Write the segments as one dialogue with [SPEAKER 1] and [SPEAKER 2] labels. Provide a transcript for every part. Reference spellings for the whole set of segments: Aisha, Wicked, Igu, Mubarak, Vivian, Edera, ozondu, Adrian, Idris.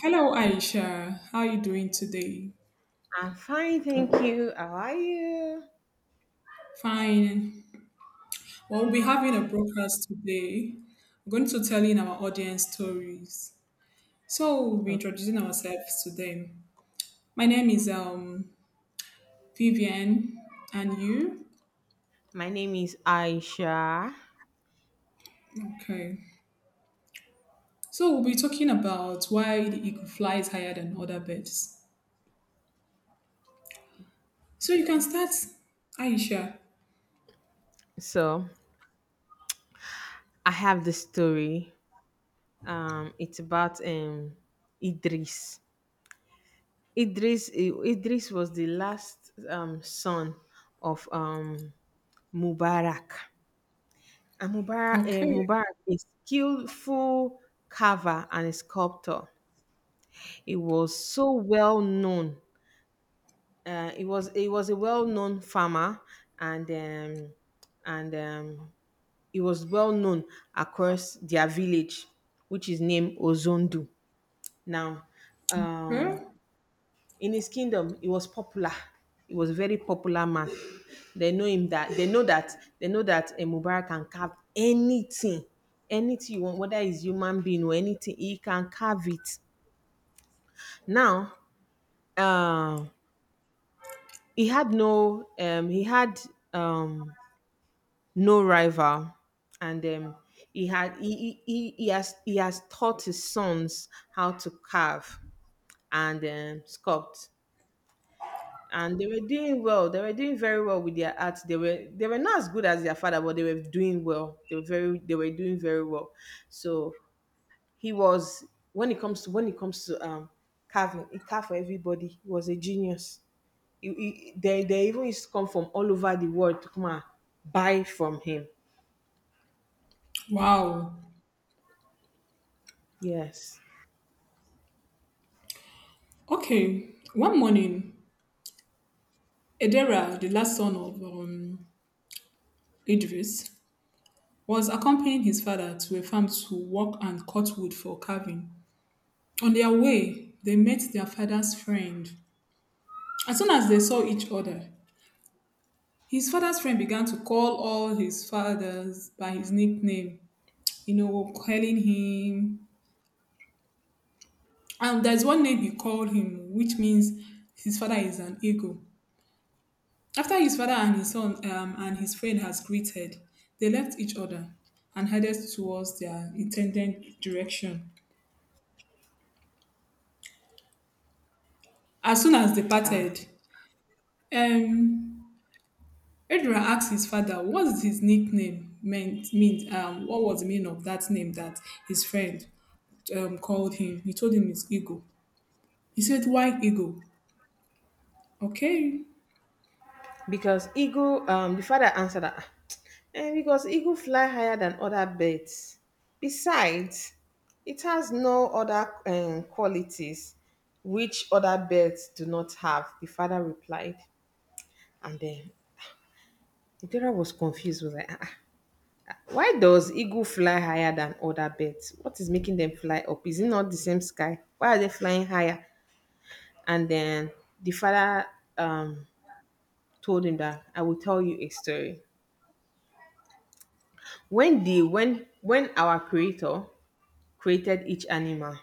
[SPEAKER 1] Hello, Aisha. How are you doing today?
[SPEAKER 2] I'm fine, thank you. How are you?
[SPEAKER 1] Fine. Well, we'll be having a broadcast today. We're going to tell in our audience stories. So we'll be
[SPEAKER 2] Okay.
[SPEAKER 1] introducing ourselves to them. My name is Vivian, and you?
[SPEAKER 2] My name is Aisha.
[SPEAKER 1] Okay. So we'll be talking about why the eagle flies higher than other birds. So you can start, Aisha.
[SPEAKER 2] So I have the story. It's about Idris. Idris was the last son of Mubarak. And
[SPEAKER 1] Okay.
[SPEAKER 2] Mubarak is skillful carver and sculptor. He was so well known he was a well-known farmer and um, and he was well known across their village, which is named ozondu now. uh,
[SPEAKER 1] Okay.
[SPEAKER 2] in his kingdom he was popular. He was a very popular man. They know him that they know that They know that a mubarak can carve anything. Anything you want, whether it's human being or anything, he can carve it now. uh, he had um, no rival, and he had he has taught his sons how to carve and sculpt, and they were doing well. They were doing very well with their art. They were not as good as their father, but they were doing well. They were doing very well. So he was when it comes to when it comes to carving, he carved for everybody. He was a genius. They even used to come from all over the world to come and buy from him.
[SPEAKER 1] Wow.
[SPEAKER 2] Yes.
[SPEAKER 1] Okay. One morning, Edera, the last son of Idris, was accompanying his father to a farm to work and cut wood for carving. On their way, they met their father's friend. As soon as they saw each other, his father's friend began to call all his fathers by his nickname, you know, calling him. And there's one name he called him, which means his father is an eagle. After his father and his son and his friend has greeted, they left each other and headed towards their intended direction. As soon as they
[SPEAKER 2] Ah.
[SPEAKER 1] parted, um, Adrian asked his father what his nickname means? What was the meaning of that name that his friend called him. He told him it's Eagle. He said, Why Eagle? Okay,
[SPEAKER 2] Because eagle, the father answered that, "Ah, because eagle fly higher than other birds. Besides, it has no other qualities which other birds do not have," the father replied. And then Idora was confused, was like, "Ah, ah, why does eagle fly higher than other birds? What is making them fly up? Is it not the same sky? Why are they flying higher?" And then the father, um told him that, "I will tell you a story. When the when when our creator created each animal,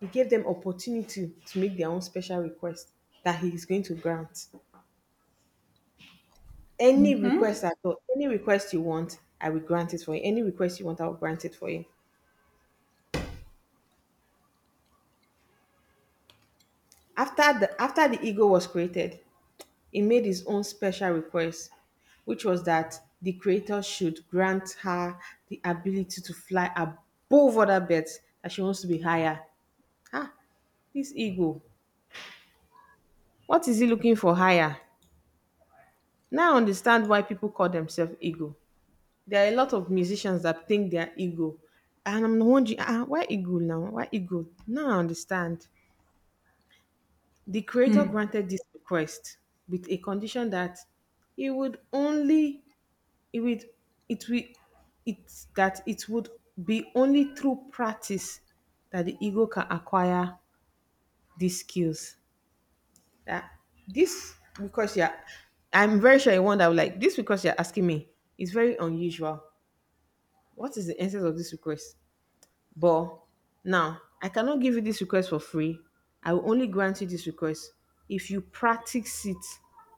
[SPEAKER 2] he gave them opportunity to make their own special request that he is going to grant. Any request
[SPEAKER 1] hmm.
[SPEAKER 2] at all, any request you want, I will grant it for you. Any request you want, I will grant it for you." After the ego was created, he made his own special request, which was that the creator should grant her the ability to fly above other birds, that she wants to be higher. Ah, this ego, what is he looking for higher? Now I understand why people call themselves ego. There are a lot of musicians that think they are ego. And I'm wondering, ah, ah, why ego now? Why ego? Now I understand. The creator granted this request with a condition that it would only it would it will it that it would be only through practice that the ego can acquire these skills. That this "Because you're I'm very sure you won't that like this, because you're asking me is very unusual. What is the essence of this request? But now I cannot give you this request for free. I will only grant you this request if you practice it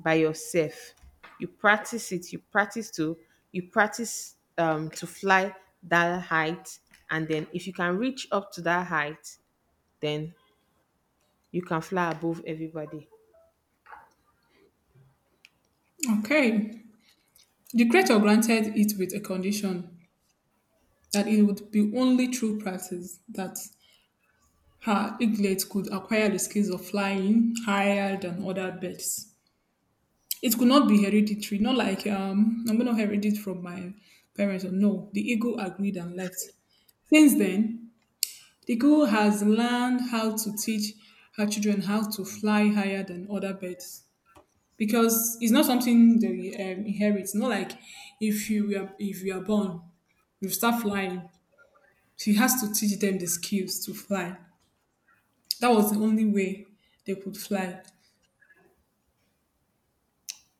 [SPEAKER 2] by yourself. You practice it you practice to you practice to fly that height, and then if you can reach up to that height, then you can fly above everybody."
[SPEAKER 1] Okay. The creator granted it with a condition that it would be only through practice that her eaglet could acquire the skills of flying higher than other birds. It could not be hereditary, not like I'm gonna inherit it from my parents. Or no, the eagle agreed and left. Since then, the eagle has learned how to teach her children how to fly higher than other birds because it's not something they inherit. Not like if you are born, you start flying. She has to teach them the skills to fly. That was the only way they could fly.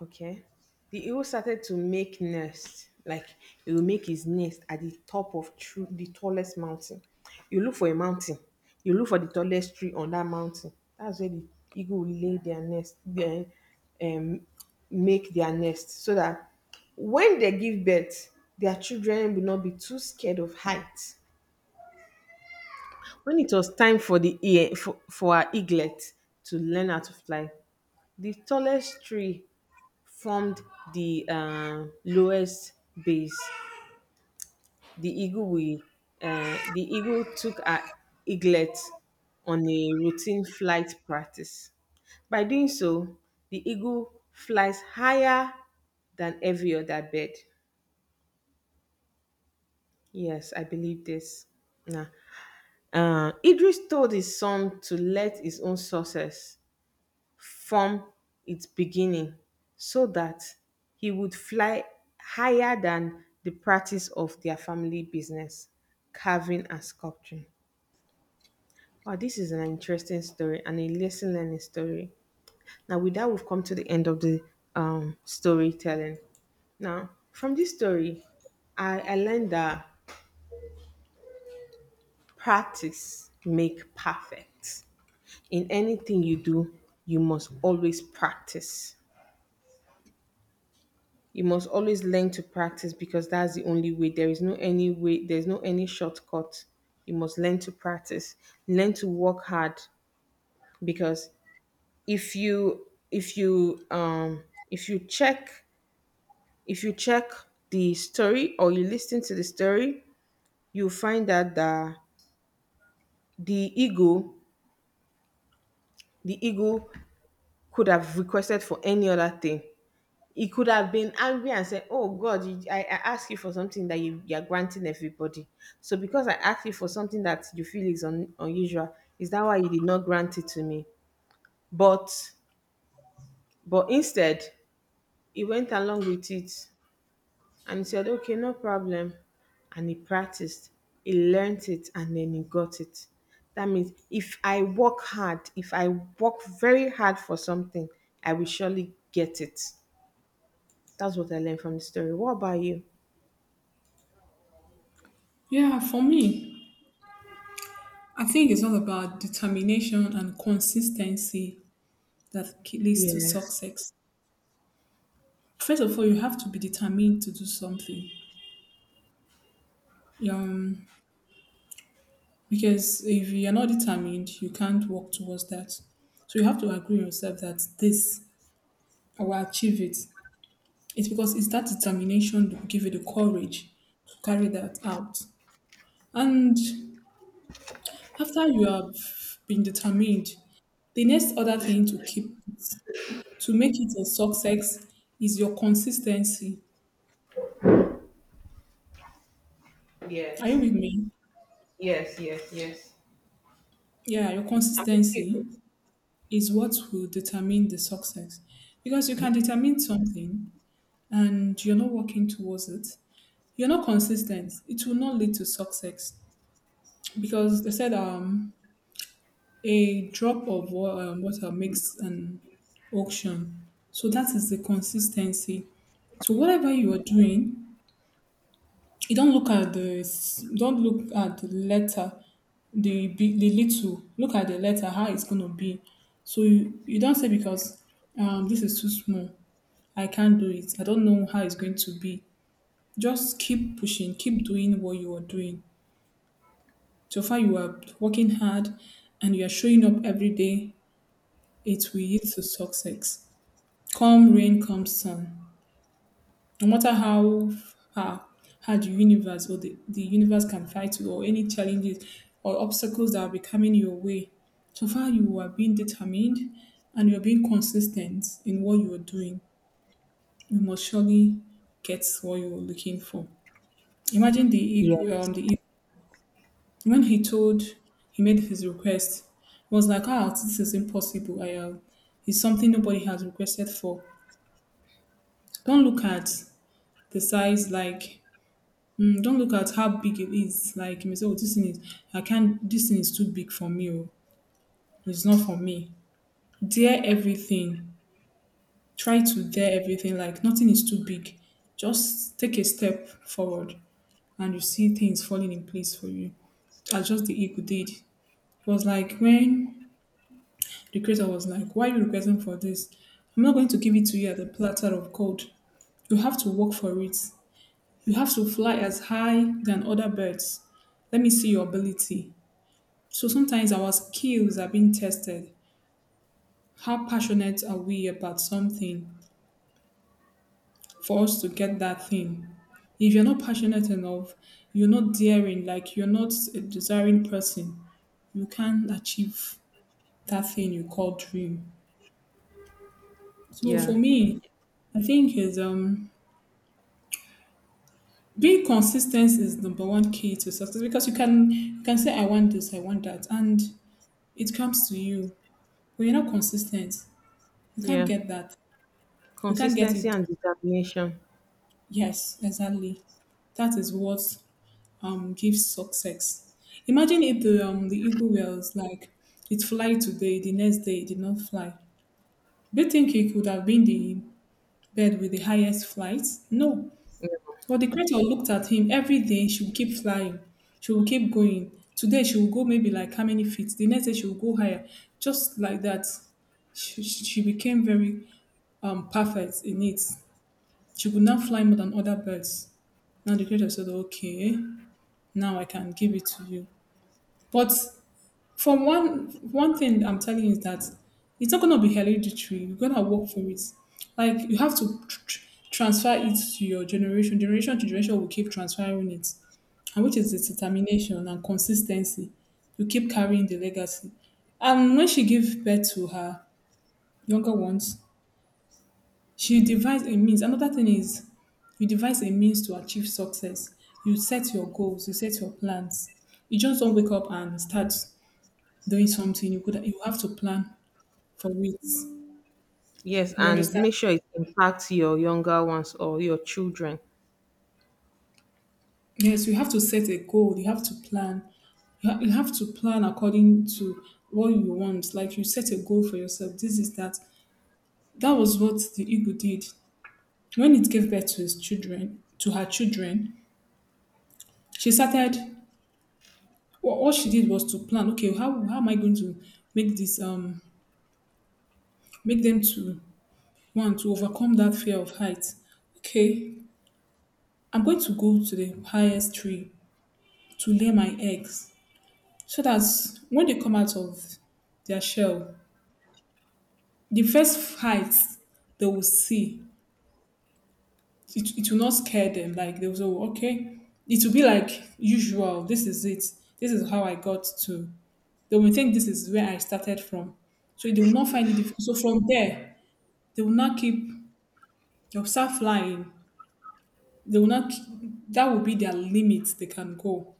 [SPEAKER 2] Okay. The eagle started to make nest. Like, he will make his nest at the top of the tallest mountain. You look for a mountain. You look for the tallest tree on that mountain. That's where the eagle will lay their nest. Then um, make their nest so that when they give birth, their children will not be too scared of height. When it was time for the ear for our eaglet to learn how to fly, the tallest tree formed the lowest base. The eagle we, the eagle took our eaglet on a routine flight practice. By doing so, the eagle flies higher than every other bird. Yes, I believe this. Nah. Idris told his son to let his own success from its beginning, so that he would fly higher than the practice of their family business, carving and sculpturing. Wow, this is an interesting story and a lesson learning story. Now, with that, we've come to the end of the storytelling. Now, from this story, I learned that practice make perfect. In anything you do, you must always practice. You must always learn to practice, because that's the only way. There is no any way, there's no any shortcut. You must learn to practice, learn to work hard, because if you if you um if you check if you check the story or you listen to the story, you find that the ego the ego could have requested for any other thing. He could have been angry and said, "Oh God, I asked you for something that you are granting everybody. So because I asked you for something that you feel is unusual, is that why you did not grant it to me?" But instead, he went along with it and he said, "Okay, no problem." And he practiced, he learned it, and then he got it. That means if I work hard, if I work very hard for something, I will surely get it. That's what I learned from the story. What about you?
[SPEAKER 1] Yeah, for me, I think it's all about determination and consistency that leads to
[SPEAKER 2] Yes.
[SPEAKER 1] success. First of all, you have to be determined to do something. Um, because if you're not determined, you can't work towards that. So you have to agree with yourself that this I will achieve it. It's because it's that determination that will give you the courage to carry that out. And after you have been determined, the next other thing to keep it, to make it a success is your consistency. Are you
[SPEAKER 2] Yes.
[SPEAKER 1] with me?
[SPEAKER 2] Yes. Yes. Yes.
[SPEAKER 1] Yeah, your
[SPEAKER 2] I'm with you.
[SPEAKER 1] consistency is what will determine the success, because you can determine something and you're not working towards it, you're not consistent, it will not lead to success. Because they said a drop of water makes an ocean, so that is the consistency. So whatever you are doing, you don't look at the don't look at the letter, the big the little, look at the letter how it's going to be. So you don't say because this is too small I can't do it. I don't know how it's going to be. Just keep pushing, keep doing what you are doing. So far, you are working hard and you are showing up every day. It will lead to success. Come rain, come sun. No matter how far, how the universe or the universe can fight you or any challenges or obstacles that will be coming your way. So far, you are being determined and you are being consistent in what you are doing. You must surely get what you are looking for. Imagine the e,
[SPEAKER 2] Yes.
[SPEAKER 1] um, the When he told, he made his request, he was like, ah, this is impossible. It's something nobody has requested for. Don't look at the size, like, don't look at how big it is. Like, you may say, oh, this thing is, I can't, this thing is too big for me. Oh, it's not for me. Dare everything. Try to dare everything. Like, nothing is too big. Just take a step forward and you see things falling in place for you as just the ego did. It was like when the creator was like, Why are you requesting for this? I'm not going to give it to you as a platter of gold. You have to work for it. You have to fly as high than other birds. Let me see your ability. So sometimes our skills are being tested. How passionate are we about something for us to get that thing? If you're not passionate enough, you're not daring, like you're not a desiring person, you can't achieve that thing you call dream. So
[SPEAKER 2] Yeah.
[SPEAKER 1] for me, I think is being consistent is number one key to success, because you can say I want this, I want that, and it comes to you, but you're not consistent. You can't
[SPEAKER 2] Yeah.
[SPEAKER 1] get that. You can't get
[SPEAKER 2] Consistency
[SPEAKER 1] it done.
[SPEAKER 2] and determination.
[SPEAKER 1] Yes, exactly. That is what gives success. Imagine if the the eagle was like it fly today, the next day it did not fly. Do you think it could have been the bird with the highest flight? No.
[SPEAKER 2] Yeah.
[SPEAKER 1] But the creator looked at him every day. She will keep flying. She will keep going. Today she will go maybe like how many feet. The next day she will go higher. Just like that, she became very perfect in it. She could now fly more than other birds. Now the creator said, "Okay, now I can give it to you." But for one thing I'm telling you is that it's not gonna be hereditary. You're gonna work for it. Like you have to transfer it to your generation. Generation to generation will keep transferring it, and which is the determination and consistency to keep carrying the legacy. And when she gave birth to her younger ones, she devised a means. Another thing is you devise a means to achieve success. You set your goals, you set your plans. You just don't wake up and start doing something. You have to plan for it.
[SPEAKER 2] Yes,
[SPEAKER 1] You
[SPEAKER 2] and
[SPEAKER 1] understand?
[SPEAKER 2] make sure it impacts your younger ones or your children.
[SPEAKER 1] Yes, you have to set a goal. You have to plan. You have to plan according to what you want. Like you set a goal for yourself. This is that. That was what the eagle did. When it gave birth to his children, to her children, she started. What she did was to plan. Okay, how am I going to make this make them to one to overcome that fear of height? Okay, I'm going to go to the highest tree to lay my eggs, so that when they come out of their shell, the first height they will it will not scare them. Like they will say, "Oh, okay, it will be like usual. This is it. This is how I got to. They will think this is where I started from. So they will not find it difficult. So from there, they will not keep they'll start flying. They will not. That will be their limit. They can go.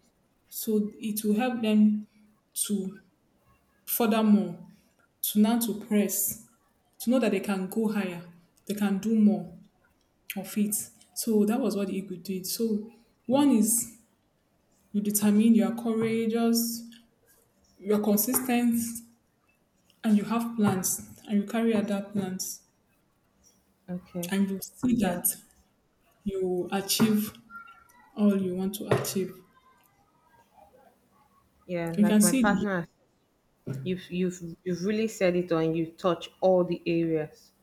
[SPEAKER 1] So it will help them to furthermore to now to press to know that they can go higher. They can do more of it. So that was what Igu did. So one is you determine, you are courageous, you are consistent, and you have plans, and you carry out that plans,
[SPEAKER 2] Okay.
[SPEAKER 1] and you see
[SPEAKER 2] Yeah.
[SPEAKER 1] that you achieve all you want to achieve.
[SPEAKER 2] Yeah.
[SPEAKER 1] You can
[SPEAKER 2] Like my
[SPEAKER 1] see the
[SPEAKER 2] partner, you've really said it on. You touch all the areas.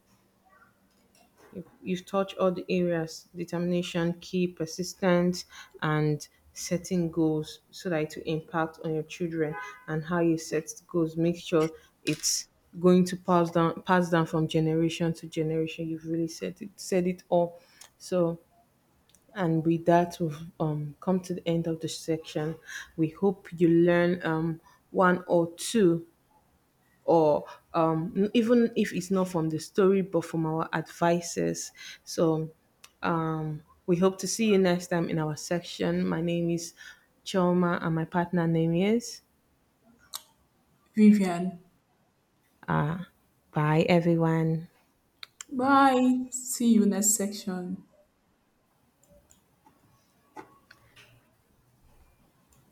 [SPEAKER 2] You've touched all the areas: determination, key, persistence, and setting goals, so that it will impact on your children and how you set goals. Make sure it's going to pass down from generation to generation. You've really said it all. So and with that, we've come to the end of the section. We hope you learn one or two, or even if it's not from the story but from our advices. So we hope to see you next time in our section. My name is Choma and my partner name is.
[SPEAKER 1] Vivian.
[SPEAKER 2] Bye everyone.
[SPEAKER 1] Bye. See you next section.